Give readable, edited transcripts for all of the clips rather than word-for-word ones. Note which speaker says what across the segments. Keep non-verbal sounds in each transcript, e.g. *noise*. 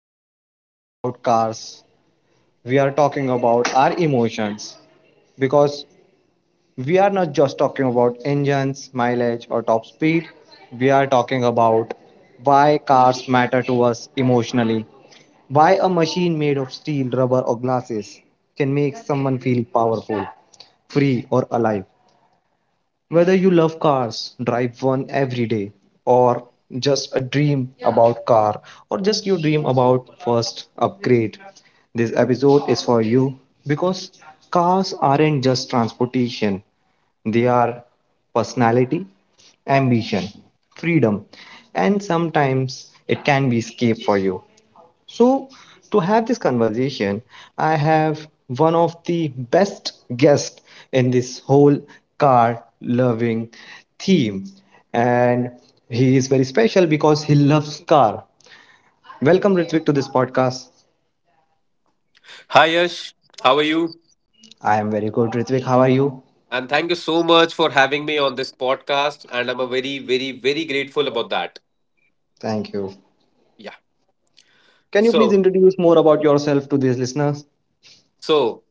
Speaker 1: we are talking about cars. We are talking about our emotions because we are not just talking about engines, mileage, or top speed. We are talking about why cars matter to us emotionally. Why a machine made of steel, rubber, or glasses can make someone feel powerful, free, or alive. Whether you love cars, drive one every day, or just a dream about car, or just you dream about first upgrade, this episode is for you because cars aren't just transportation, they are personality, ambition, freedom, and sometimes it can be escape for you. So, to have this conversation, I have one of the best guests in this whole car loving theme. And he is very special because he loves car. Welcome, Ritvik, to this podcast.
Speaker 2: Hi Yash, how are you?
Speaker 1: I am very good, Ritvik. How are you?
Speaker 2: And thank you so much for having me on this podcast. And I'm a very, very, very grateful about that.
Speaker 1: Thank you.
Speaker 2: Yeah.
Speaker 1: Can you please
Speaker 2: So,
Speaker 1: introduce more about yourself to these listeners?
Speaker 2: so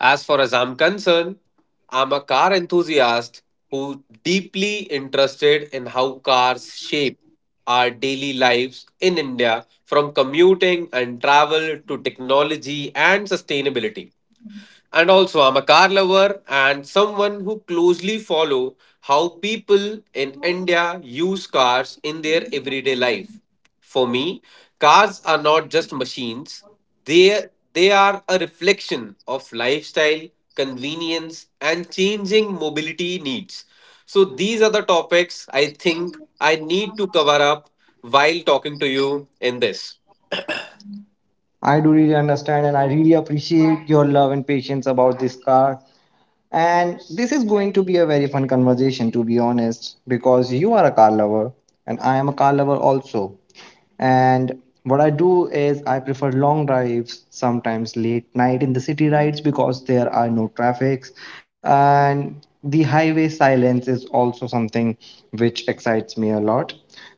Speaker 2: as far as I'm concerned, I'm a car enthusiast who deeply interested in how cars shape our daily lives in India, from commuting and travel to technology and sustainability. And also, I'm a car lover and someone who closely follow how people in India use cars in their everyday life. For me, cars are not just machines. They they are a reflection of lifestyle, convenience and changing mobility needs. So these are the topics I think I need to cover up while talking to you in this.
Speaker 1: I do really understand and I really appreciate your love and patience about this car. And this is going to be a very fun conversation, to be honest, because you are a car lover and I am a car lover also. And what I do is I prefer long drives, sometimes late night in the city rides because there are no traffics. And the highway silence is also something which excites me a lot.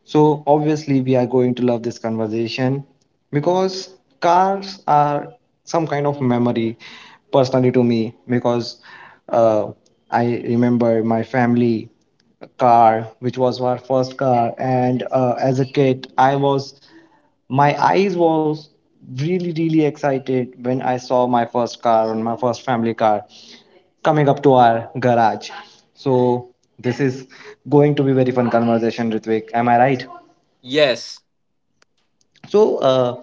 Speaker 1: So, obviously, we are going to love this conversation because cars are some kind of memory personally to me because uh, I remember my family car, which was our first car, and as a kid, I was my eyes was really really excited when I saw my first car and my first family car coming up to our garage. So this is going to be very fun conversation, Ritvik, am I right?
Speaker 2: Yes.
Speaker 1: So uh,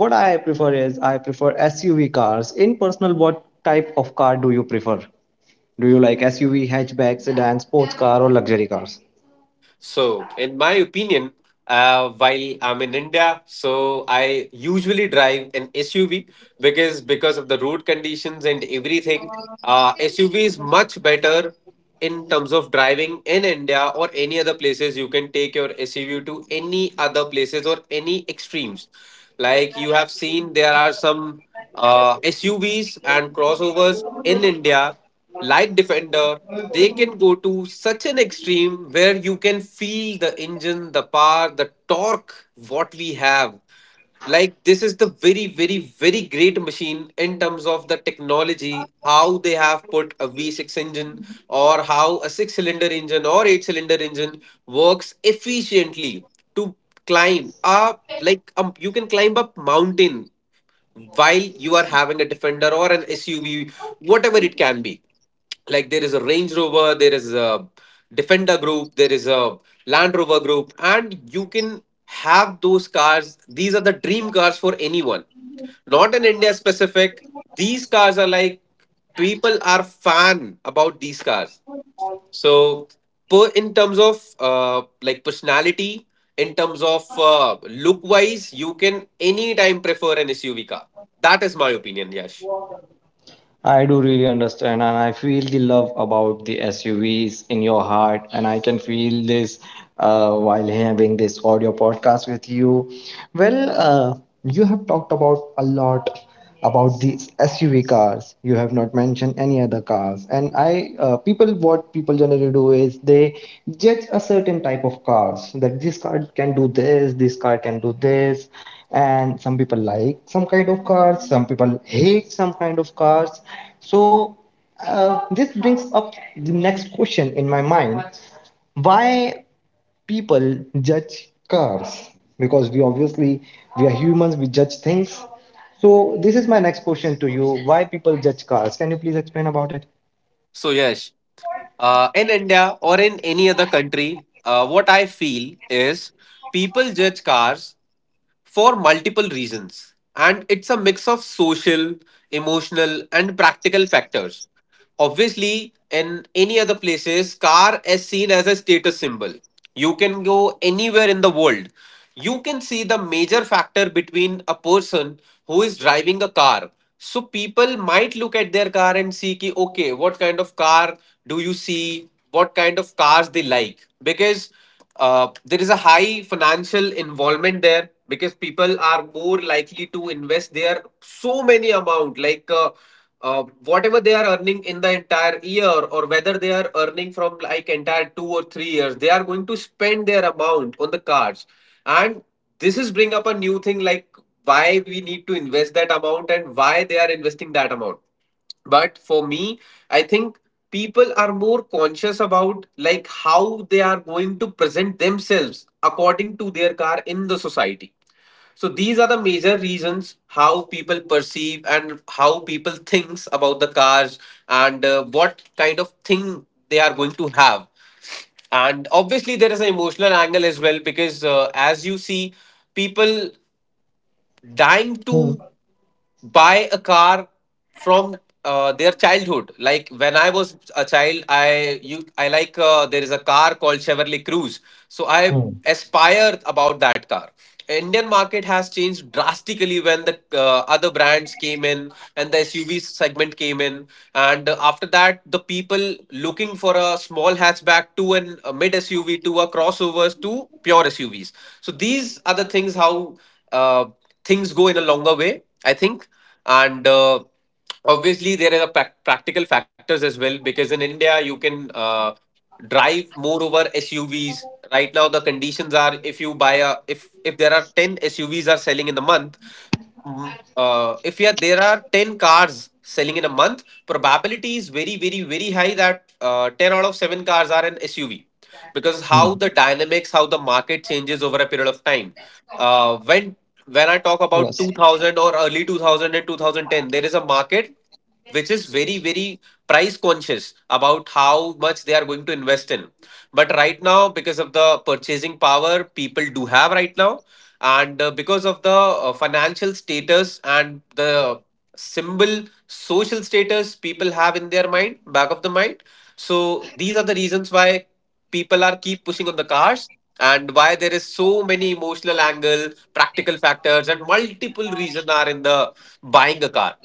Speaker 1: what I prefer is I prefer SUV cars. In personal, what type of car do you prefer? Do you like SUV, hatchback, sedan, sports car, or luxury cars?
Speaker 2: So, in my opinion, while I'm in India, so I usually drive an SUV because of the road conditions and everything. SUV is much better in terms of driving in India or any other places. You can take your SUV to any other places or any extremes. Like you have seen, there are some SUVs and crossovers in India, light defender. They can go to such an extreme where you can feel the engine, the power, the torque, what we have. Like, this is the very, very, very great machine in terms of the technology, how they have put a v6 engine or how a 6 cylinder engine or 8 cylinder engine works efficiently to climb up. Like, you can climb up mountain while you are having a defender or an SUV, whatever it can be. Like, there is a Range Rover, there is a defender group, there is a Land Rover group, and you can have those cars. These are the dream cars for anyone, not in India specific. These cars are like, people are fan about these cars. So, per in terms of like personality, in terms of look wise, you can anytime prefer an SUV car. That is my opinion, Yash.
Speaker 1: I do really understand, and I feel the love about the SUVs in your heart, and I can feel this while having this audio podcast with you. Well, you have talked about a lot about the SUV cars. You have not mentioned any other cars, and I people, what people generally do is they judge a certain type of cars, that this car can do this, this car can do this, and some people like some kind of cars, some people hate some kind of cars. So this brings up the next question in my mind: why people judge cars? Because we obviously, we are humans, we judge things. So this is my next question to you: why people judge cars? Can you please explain about it?
Speaker 2: So Yash, in India or in any other country, what I feel is people judge cars for multiple reasons. And it's a mix of social, emotional, and practical factors. Obviously, in any other places, car is seen as a status symbol. You can go anywhere in the world. You can see the major factor between a person who is driving a car. So people might look at their car and see ki, okay, what kind of car do you see? What kind of cars they like? Because there is a high financial involvement there, because people are more likely to invest their so many amount, like whatever they are earning in the entire year, or whether they are earning from like entire 2 or 3 years, they are going to spend their amount on the cards. And this is bring up a new thing, like why we need to invest that amount and why they are investing that amount. But for me, I think people are more conscious about like how they are going to present themselves according to their car in the society. So these are the major reasons how people perceive and how people thinks about the cars, and what kind of thing they are going to have. And obviously, there is an emotional angle as well, because as you see, people dying
Speaker 1: Hmm.
Speaker 2: to buy a car from their childhood. Like, when I was a child, I like, there is a car called Chevrolet Cruze, so I
Speaker 1: Hmm.
Speaker 2: aspire about that car. Indian market has changed drastically when the other brands came in and the SUV segment came in, and after that the people looking for a small hatchback to an a mid SUV to a crossovers to pure SUVs. So these are the things how. Uh, Things go in a longer way, I think. And obviously, there are practical factors as well, because in India, you can drive more over SUVs. Right now, the conditions are, if you buy a if there are ten SUVs are selling in the month, if yeah, there are 10 cars selling in a month, probability is very, very, very high that 10 out of 7 cars are an SUV, because
Speaker 1: Hmm.
Speaker 2: how the dynamics, how the market changes over a period of time. Uh, when when I talk about
Speaker 1: Yes.
Speaker 2: 2000 or early 2000 and 2010, there is a market which is very, very price conscious about how much they are going to invest in. But right now, because of the purchasing power people do have right now, and because of the financial status and the symbol, social status people have in their mind, back of the mind, so these are the reasons why people are keep pushing on the cars, and why there is so many emotional angle, practical factors and multiple reason are in the buying a car.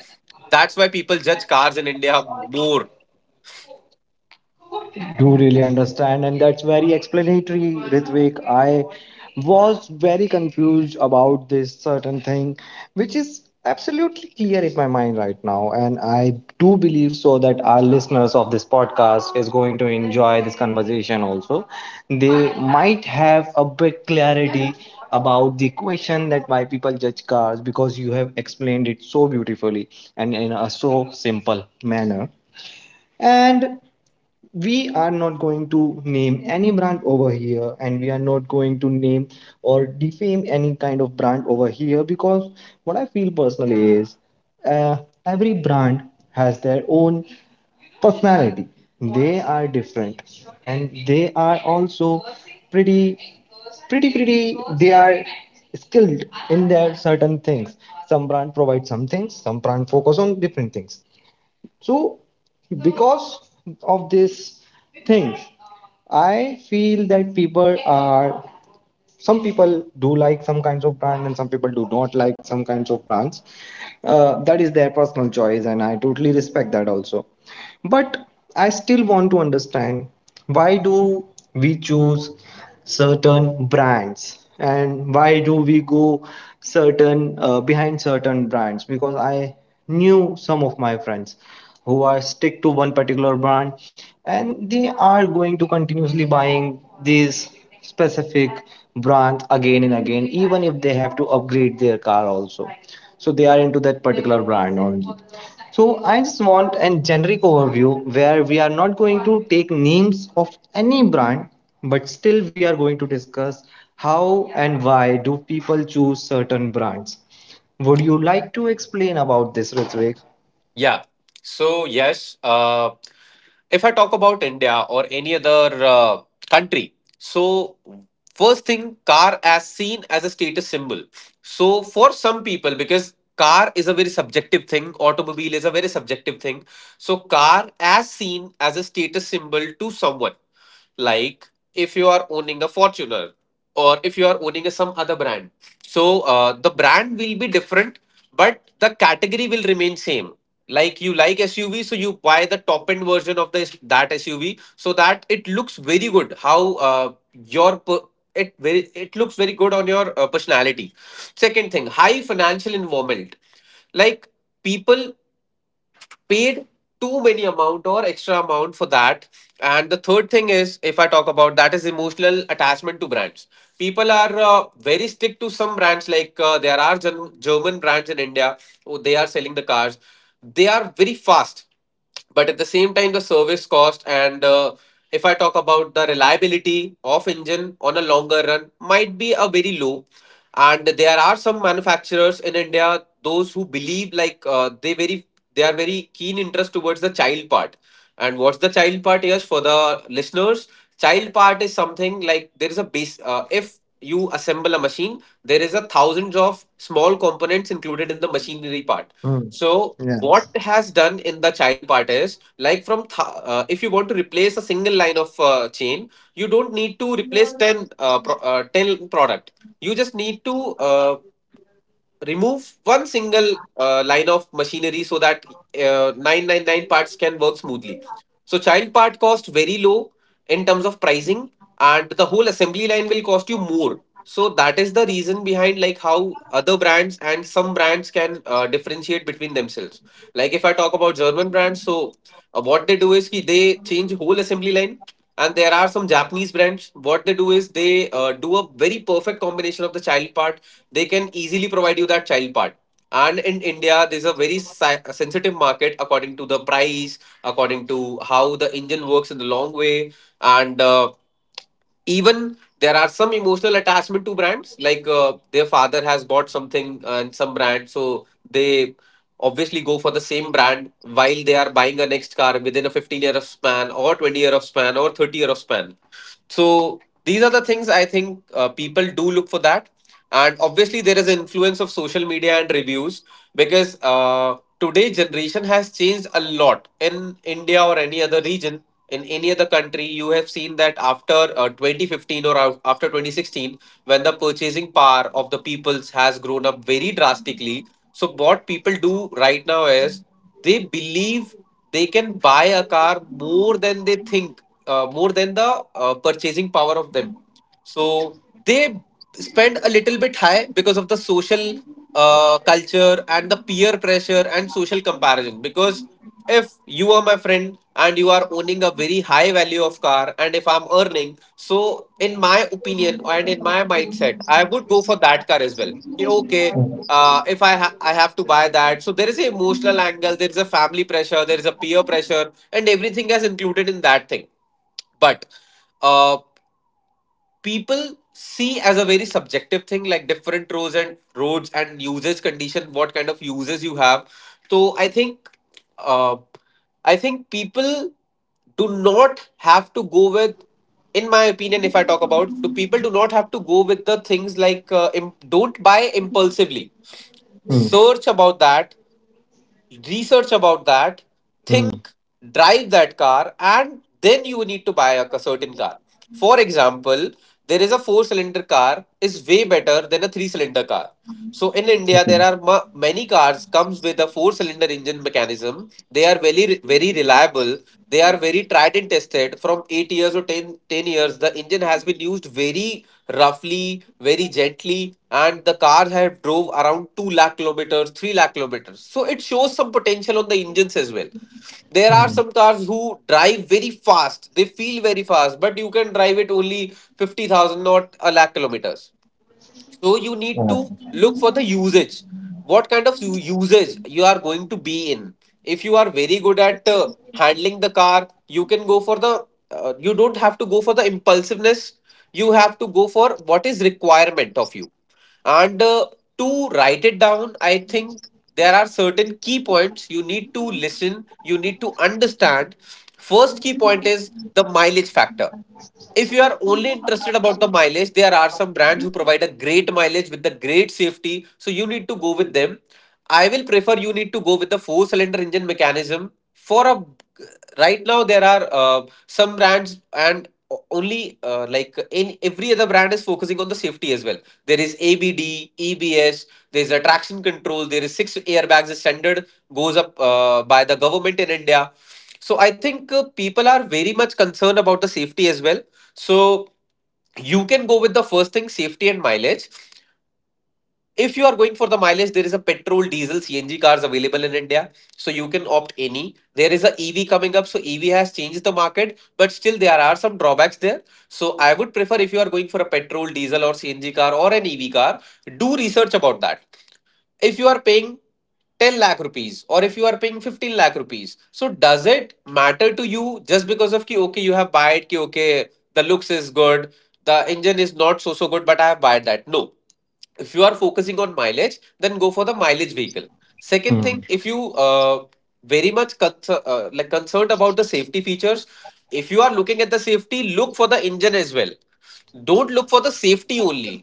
Speaker 2: That's why people judge cars in India more.
Speaker 1: Do really understand, and that's very explanatory, Ritvik. I was very confused about this certain thing, which is absolutely clear in my mind right now, and I do believe so that our listeners of this podcast is going to enjoy this conversation also. They might have a bit clarity about the question that why people judge cars, because you have explained it so beautifully and in a so simple manner. And we are not going to name any brand over here, and we are not going to name or defame any kind of brand over here because what I feel personally is, uh, every brand has their own personality. They are different, and they are also pretty pretty they are skilled in their certain things. Some brand provide some things, some brand focus on different things. So, because of these things, I feel that people are, some people do like some kinds of brand and some people do not like some kinds of brands. That is their personal choice, and I totally respect that also. But I still want to understand, why do we choose certain brands and why do we go certain behind certain brands? Because I knew some of my friends who are stick to one particular brand, and they are going to continuously buying these specific brand again and again, even if they have to upgrade their car also. So they are into that particular brand only. So I just want a generic overview where we are not going to take names of any brand, but still we are going to discuss how and why do people choose certain brands. Would you like to explain about this, Ritvik?
Speaker 2: Yeah. So, yes, if I talk about India or any other country, so first thing, car as seen as a status symbol. So, for some people, because car is a very subjective thing, automobile is a very subjective thing. So, car as seen as a status symbol to someone, like if you are owning a Fortuner, or if you are owning a, some other brand. So, the brand will be different, but the category will remain same. Like you like SUV, so you buy the top end version of this that SUV so that it looks very good. How it very it looks very good on your personality. Second thing, high financial involvement. Like, people paid too many amount or extra amount for that. And the third thing is, if I talk about, that is emotional attachment to brands. People are very stick to some brands, like there are german brands in India. Oh, they are selling the cars, they are very fast, but at the same time the service cost, and if I talk about the reliability of engine on a longer run might be a very low. And there are some manufacturers in India those who believe like they are very keen interest towards the child part. And what's the child part? Yes, for the listeners, child part is something like there is a base. If you assemble a machine, there is a thousands of small components included in the machinery part.
Speaker 1: Mm.
Speaker 2: So
Speaker 1: Yes.
Speaker 2: what has done in the child part is like from if you want to replace a single line of chain, you don't need to replace 10 10 product. You just need to uh, remove one single line of machinery so that 999 parts can work smoothly. So child part cost very low in terms of pricing, and the whole assembly line will cost you more. So that is the reason behind like how other brands and some brands can differentiate between themselves. Like if I talk about German brands, so what they do is ki they change whole assembly line. And there are some Japanese brands. What they do is they do a very perfect combination of the child part, they can easily provide you that child part. And in India, there's a very sensitive market according to the price, according to how the engine works in the long way, and even there are some emotional attachment to brands. Like their father has bought something and some brand, so they obviously go for the same brand while they are buying a next car within a 15 year of span or 20 year of span or 30 year of span. So these are the things, I think, people do look for that. And obviously, there is influence of social media and reviews, because today generation has changed a lot in India or any other region. In any other country, you have seen that after 2015 or after 2016, when the purchasing power of the peoples has grown up very drastically. So what people do right now is they believe they can buy a car more than they think, more than the purchasing power of them. So they spend a little bit high because of the social culture and the peer pressure and social comparison. Because if you are my friend and you are owning a very high value of car, and if I'm earning, so in my opinion and in my mindset, I would go for that car as well. Ki, okay, if I ha- I have to buy that. So there is an emotional angle, there is a family pressure, there is a peer pressure, and everything is included in that thing, but uh, people see as a very subjective thing like different roads and roads and usage condition, what kind of uses you have. So uh, I think people do not have to go with, in my opinion, if I talk about, do people do not have to go with the things like, don't buy impulsively.
Speaker 1: Mm.
Speaker 2: Search about that, research about that,
Speaker 1: Mm.
Speaker 2: think, drive that car, and then you need to buy a certain car. For example, there is a four-cylinder car is way better than a three-cylinder car. So in India,
Speaker 1: Okay.
Speaker 2: there are many cars comes with a four-cylinder engine mechanism. They are very very reliable. They are very tried and tested. From 8 years or ten years, the engine has been used very roughly, very gently, and the car have drove around 2 lakh kilometers, 3 lakh kilometers. So it shows some potential on the engines as well. There are
Speaker 1: Mm.
Speaker 2: some cars who drive very fast, they feel very fast, but you can drive it only 50,000, not a lakh kilometers. So you need to
Speaker 1: Right.
Speaker 2: look for the usage. What kind of usage you are going to be in? If you are very good at handling the car, you can go for the. You don't have to go for the impulsiveness. You have to go for what is requirement of you. And to write it down, I think there are certain key points you need to listen. You need to understand. First key point is the mileage factor. If you are only interested about the mileage, there are some brands who provide a great mileage with the great safety, so you need to go with them. I will prefer, you need to go with the four-cylinder engine mechanism for a, right now there are some brands, and only like in every other brand is focusing on the safety as well. There is abd, ebs, there's a traction control, there is six airbags the standard goes up by the government in India. So I think people are very much concerned about the safety as well. So you can go with the first thing, safety and mileage. If you are going for the mileage, there is a petrol, diesel, CNG cars available in India. So you can opt any. There is a EV coming up. So EV has changed the market, but still there are some drawbacks there. So I would prefer, if you are going for a petrol, diesel, or CNG car or an EV car, do research about that. If you are paying 10 lakh rupees or if you are paying 15 lakh rupees, so does it matter to you just because of ki okay you have bought, ki okay the looks is good, the engine is not so so good, but I have bought that? No. If you are focusing on mileage, then go for the mileage vehicle. Second thing,
Speaker 1: Mm.
Speaker 2: if you very much concerned about the safety features, if you are looking at the safety, look for the engine as well. Don't look for the safety only.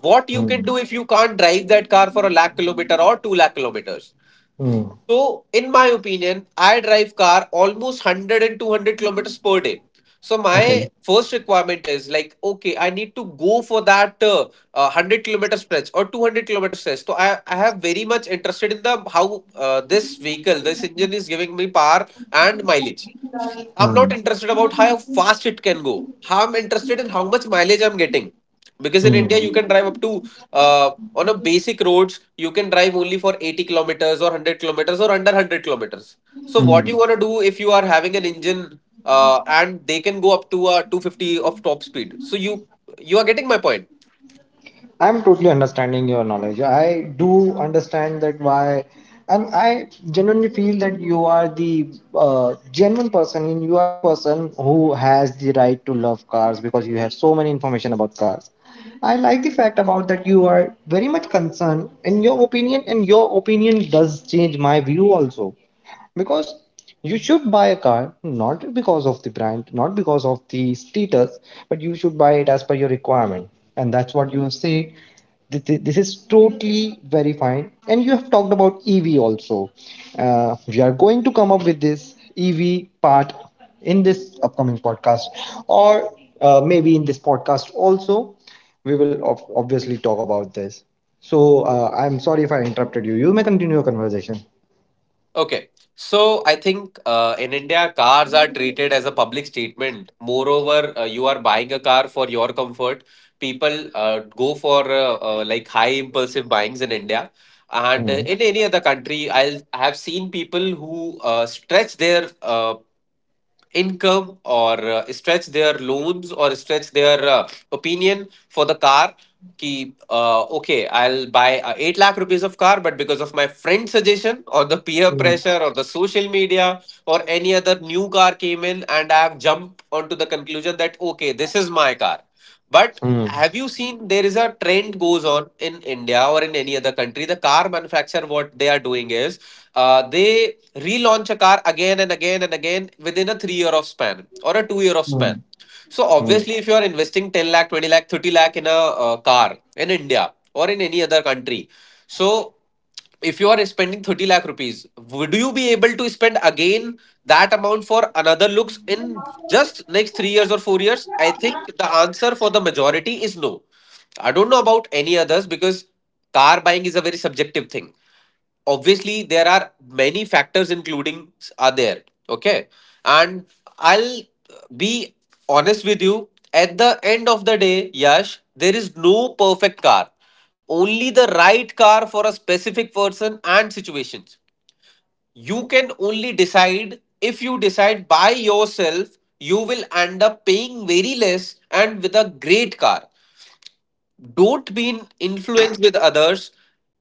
Speaker 2: What you can do
Speaker 1: Mm.
Speaker 2: if you can't drive that car for a lakh kilometer or two lakh kilometers?
Speaker 1: Mm.
Speaker 2: So, in my opinion, I drive car almost 100 and 200 kilometers per day. So,
Speaker 1: Okay.
Speaker 2: my first requirement is like, okay, I need to go for that 100-kilometer stretch or 200-kilometer stretch. So, I have very much interested in the how this vehicle, this engine is giving me power and mileage. I'm not
Speaker 1: Mm.
Speaker 2: interested about how fast it can go. How I'm interested in how much mileage I'm getting. Because in India, you
Speaker 1: Mm.
Speaker 2: can drive up to uh, on a basic roads you can drive only for 80 kilometers or 100 kilometers or under 100 kilometers. So what
Speaker 1: Mm.
Speaker 2: you want to do if you are having an engine and they can go up to 250 of top speed, so you are getting my point?
Speaker 1: I'm totally understanding your knowledge. I do understand that why, and I genuinely feel that you are the genuine person, and you are the person who has the right to love cars because you have so many information about cars. I like the fact about that you are very much concerned in your opinion, and your opinion does change my view also, because you should buy a car not because of the brand, not because of the status, but you should buy it as per your requirement. And that's what you say. This is totally very fine, and you have talked about EV also. We are going to come up with this EV part in this upcoming podcast, or maybe in this podcast also we will obviously talk about this. So I'm sorry if I interrupted you, you may continue your conversation.
Speaker 2: Okay. So I think in India, cars are treated as a public statement. Moreover, you are buying a car for your comfort. People go for like high impulsive buyings in India. And
Speaker 1: Hmm.
Speaker 2: in any other country, I'll have seen people who stretch their income or stretch their loans or stretch their opinion for the car. कि okay, I'll buy a 8 lakh rupees of car, but because of my friend suggestion or the peer pressure or the social media or any other new car came in, and I have jumped onto the conclusion that okay, this is my car. But
Speaker 1: Hmm.
Speaker 2: have you seen there is a trend goes on in India or in any other country? The car manufacturer, what they are doing is they relaunch a car again and again and again within a 3 year of span or a 2 year of
Speaker 1: Hmm.
Speaker 2: span. So
Speaker 1: Hmm.
Speaker 2: obviously, if you are investing 10 lakh, 20 lakh, 30 lakh in a car, in India or in any other country, so if you are spending 30 lakh rupees, would you be able to spend again that amount for another looks in just next 3 years or 4 years? I think the answer for the majority is no. I don't know about any others, because car buying is a very subjective thing. Obviously there are many factors including, are there, okay, and I'll be honest with you, at the end of the day, Yash, there is no perfect car, only the right car for a specific person and situations. You can only decide. If you decide by yourself, you will end up paying very less and with a great car. Don't be influenced with others,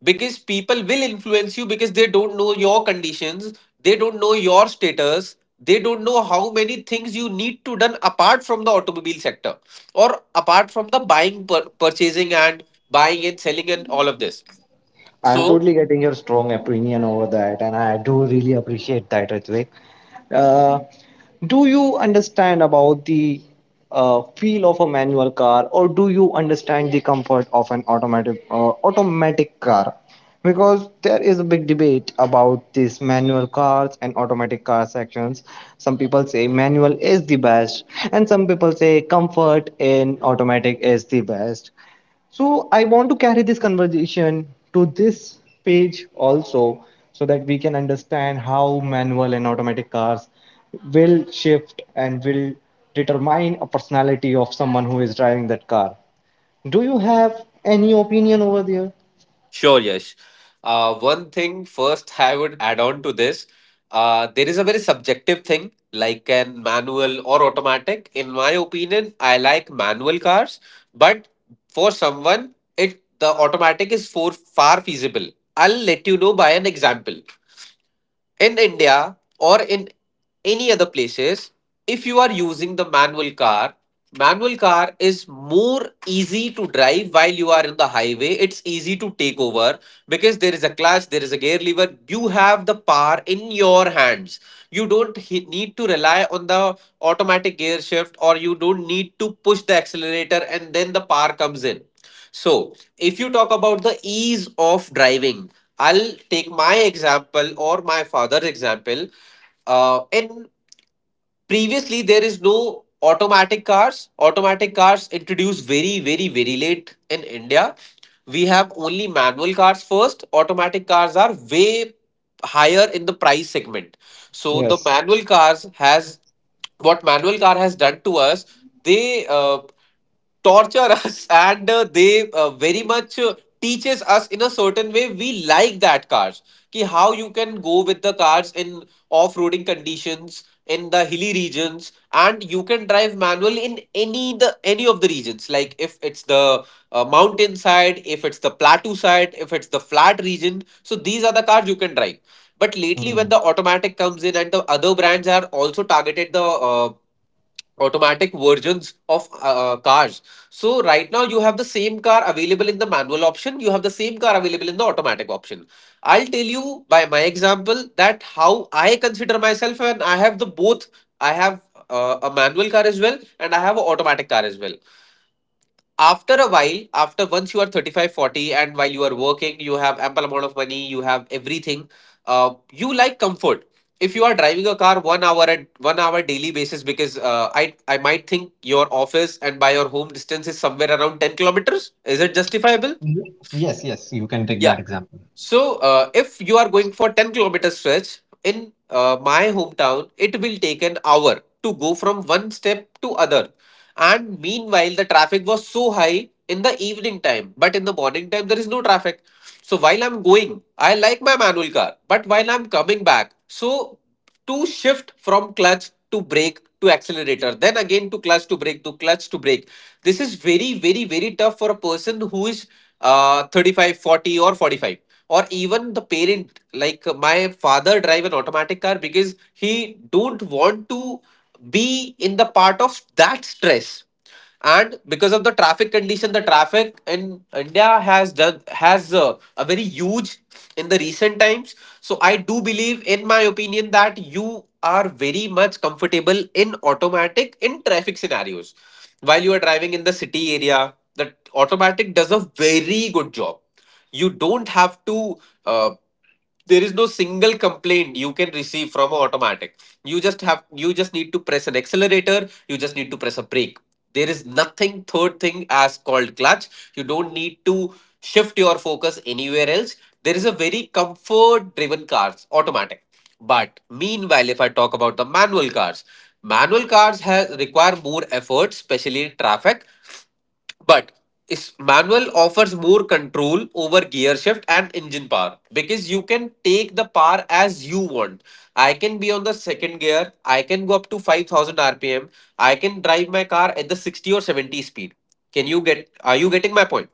Speaker 2: because people will influence you, because they don't know your conditions, they don't know your status, they don't know how many things you need to done apart from the automobile sector, or apart from the buying purchasing and buying and selling and all of this.
Speaker 1: I'm
Speaker 2: So,
Speaker 1: totally getting your strong opinion over that, and I do really appreciate that, Ritvik. Uh, do you understand about the feel of a manual car, or do you understand the comfort of an automatic car? Because there is a big debate about these manual cars and automatic car sections. Some people say manual is the best, and some people say comfort in automatic is the best. So I want to carry this conversation to this page also, so that we can understand how manual and automatic cars will shift and will determine a personality of someone who is driving that car. Do you have any opinion over there?
Speaker 2: sure, Yash. One thing first, I would add on to this. There is a very subjective thing like an manual or automatic. In my opinion, I like manual cars, but for someone, it the automatic is for far feasible. I'll let you know by an example. In India or in any other places, if you are using the manual car is more easy to drive while you are in the highway. It's easy to take over, because there is a clutch, there is a gear lever. You have the power in your hands. You don't need to rely on the automatic gear shift, or you don't need to push the accelerator and then the power comes in. So, if you talk about the ease of driving, I'll take my example or my father's example. In previously there is no automatic cars, automatic cars introduced very very very late in India. We have only manual cars, first automatic cars are way higher in the price segment. So the
Speaker 1: Yes.
Speaker 2: manual cars has, what manual car has done to us, they torture us *laughs* and they very much teaches us in a certain way, we like that cars. कि how you can go with the cars in off-roading conditions, in the hilly regions, and you can drive manual in any the any of the regions, like if it's the mountain side, if it's the plateau side, if it's the flat region, so these are the cars you can drive. But lately, when
Speaker 1: Mm.
Speaker 2: the automatic comes in and the other brands are also targeted the automatic versions of cars. So right now you have the same car available in the manual option, you have the same car available in the automatic option. I'll tell you by my example that how I consider myself, and I have the both. I have a manual car as well, and I have an automatic car as well. After a while, after once you are 35, 40, and while you are working, you have ample amount of money, you have everything, you like comfort. If you are driving a car 1 hour at 1 hour daily basis, because I might think your office and by your home distance is somewhere around 10 kilometers, is it justifiable?
Speaker 1: Ye- yes, yes, you can take
Speaker 2: Yeah.
Speaker 1: that example.
Speaker 2: So, if you are going for 10-kilometer stretch in my hometown, it will take an hour to go from one step to other. And meanwhile, the traffic was so high in the evening time, but in the morning time, there is no traffic. So while I'm going, I like my manual car, but while I'm coming back, so to shift from clutch to brake to accelerator, then again to clutch to brake to clutch to brake. This is very, very, very tough for a person who is 35, 40, or 45, or even the parent. Like my father drive an automatic car because he don't want to be in the part of that stress, and because of the traffic condition, the traffic in india has done, has a very huge in the recent times. So I do believe in my opinion that you are very much comfortable in automatic in traffic scenarios. While you are driving in the city area, the automatic does a very good job. You don't have to uh, there is no single complaint you can receive from a automatic. You just have you just need to press an accelerator, you just need to press a brake. There is nothing third thing as called clutch. You don't need to shift your focus anywhere else. There is a very comfort driven cars automatic. But meanwhile, if I talk about the manual cars, manual cars has require more effort especially in traffic. But is manual offers more control over gear shift and engine power because you can take the power as you want. I can be on the second gear, I can go up to 5000 rpm, I can drive my car at the 60 or 70 speed. Can you get are you getting my point?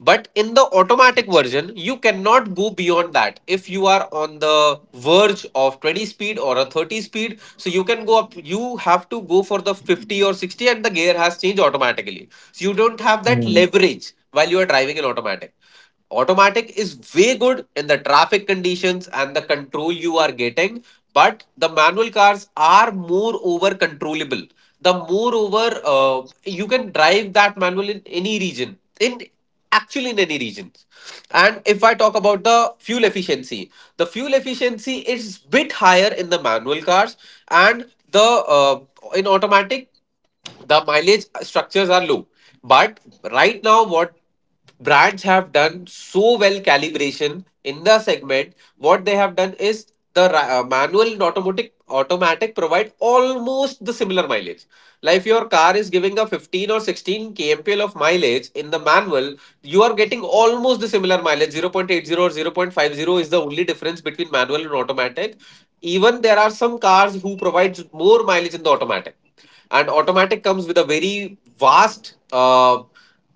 Speaker 2: But in the automatic version, you cannot go beyond that. If you are on the verge of 20 speed or a 30 speed, so you can go up, you have to go for the 50 or 60 and the gear has changed automatically. So you don't have that
Speaker 1: Mm,
Speaker 2: leverage while you are driving in automatic. Automatic is way good in the traffic conditions and the control you are getting, but the manual cars are more over controllable. The more over, you can drive that manual in any region. In actually in any regions. And if I talk about the fuel efficiency, the fuel efficiency is bit higher in the manual cars. And the uh, in automatic, the mileage structures are low. But right now what brands have done so well calibration in the segment, what they have done is manual and automatic provide almost the similar mileage. Like if your car is giving a 15 or 16 kmpl of mileage in the manual, you are getting almost the similar mileage. 0.80 or 0.50 is the only difference between manual and automatic. Even there are some cars who provides more mileage in the automatic. And automatic comes with a very vast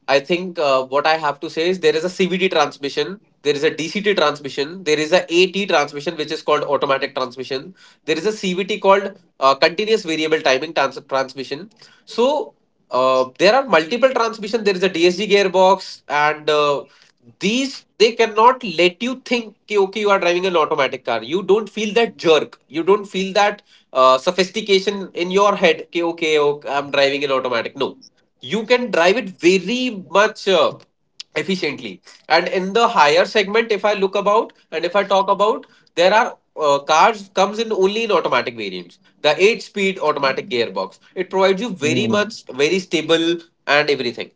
Speaker 2: I think what I have to say is there is a cvt transmission, there is a dct transmission, there is a at transmission which is called automatic transmission. There is a cvt called continuous variable timing transmission. So there are multiple transmission. There is a DSG gearbox, and these they cannot let you think कि, okay, you are driving an automatic car. You don't feel that jerk. You don't feel that sophistication in your head. कि, okay, I'm driving an automatic. No, you can drive it very much efficiently. And in the higher segment, if I look about and if I talk about, there are cars comes in only in automatic variants. The 8 speed automatic gearbox, it provides you very
Speaker 1: mm,
Speaker 2: much very stable and everything.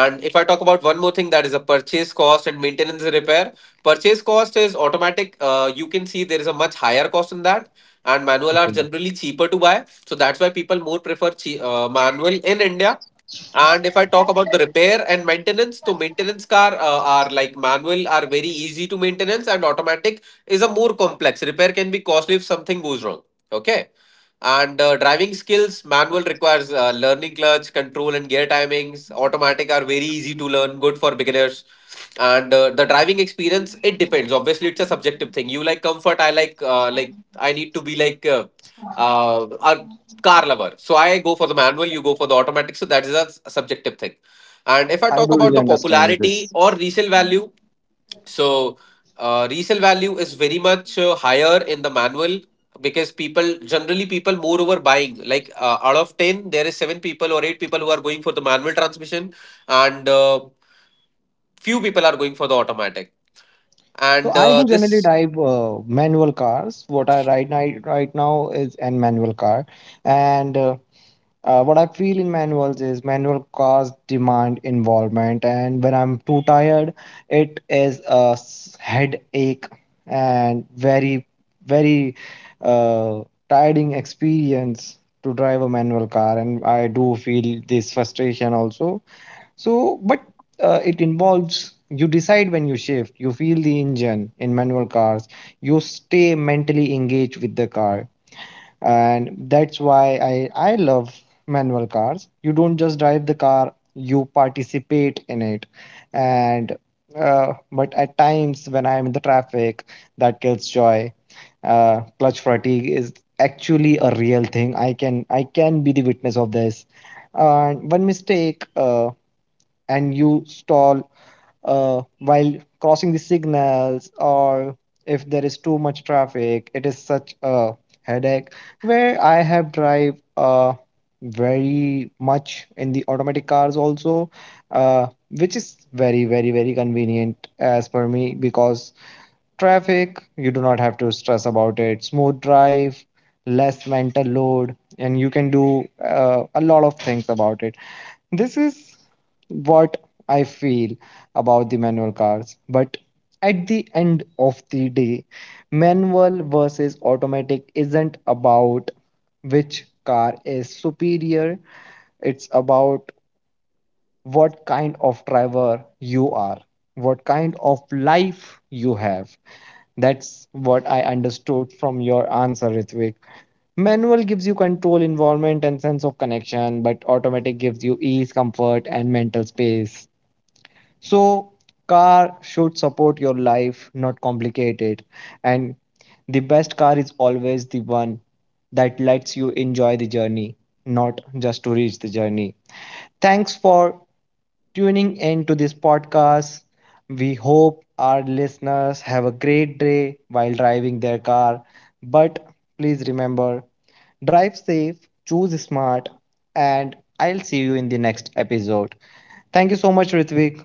Speaker 2: And if I talk about one more thing, that is a purchase cost and maintenance and repair. Purchase cost is automatic, you can see there is a much higher cost in that. And manual are
Speaker 1: okay.
Speaker 2: generally cheaper to buy, so that's why people more prefer manual in india. And if I talk about the repair and maintenance, so maintenance car are like manual are very easy to maintenance and automatic is a more complex. Repair can be costly if something goes wrong. Okay. And driving skills, manual requires learning clutch, control, and gear timings. Automatic are very easy to learn, good for beginners. And the driving experience, it depends. Obviously, it's a subjective thing. You like comfort, I like I need to be like uh, uh, car lover. So I go for the manual, you go for the automatic. So that is a subjective thing. And if I
Speaker 1: I
Speaker 2: talk
Speaker 1: do really
Speaker 2: about the
Speaker 1: understand
Speaker 2: popularity
Speaker 1: this.
Speaker 2: or resale value, so resale value is very much higher in the manual. Because people generally people moreover buying like out of 10, there is 7 people or 8 people who are going for the manual transmission. And few people are going for the automatic.
Speaker 1: So
Speaker 2: And
Speaker 1: I do generally
Speaker 2: this
Speaker 1: drive manual cars. What I ride right now is an manual car, and what I feel in manuals is manual cars demand involvement, and when I'm too tired, it is a headache and very, very, uh, tiring experience to drive a manual car, and I do feel this frustration also. So, but it involves you decide when you shift, you feel the engine in manual cars, you stay mentally engaged with the car. And that's why I love manual cars. You don't just drive the car, you participate in it. And but at times when I'm in the traffic, that kills joy. Clutch fatigue is actually a real thing. I can be the witness of this. One mistake and you stall while crossing the signals, or if there is too much traffic, it is such a headache. Where I have drive very much in the automatic cars also, uh, which is very very very convenient as per me because traffic, you do not have to stress about it. Smooth drive, less mental load, and you can do a lot of things about it. This is what I feel about the manual cars. But at the end of the day, manual versus automatic isn't about which car is superior, it's about what kind of driver you are, what kind of life you have. That's what I understood from your answer, Ritwik. Manual gives you control, involvement, and sense of connection, but automatic gives you ease, comfort, and mental space. So, car should support your life, not complicate it. And the best car is always the one that lets you enjoy the journey, not just to reach the journey. Thanks for tuning in to this podcast. We hope our listeners have a great day while driving their car. But please remember, drive safe, choose smart, and I'll see you in the next episode. Thank you so much, Ritvik,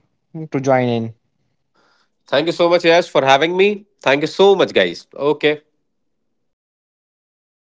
Speaker 1: to join in.
Speaker 2: thank you so much, Yash, for having me. Thank you so much, guys. Okay.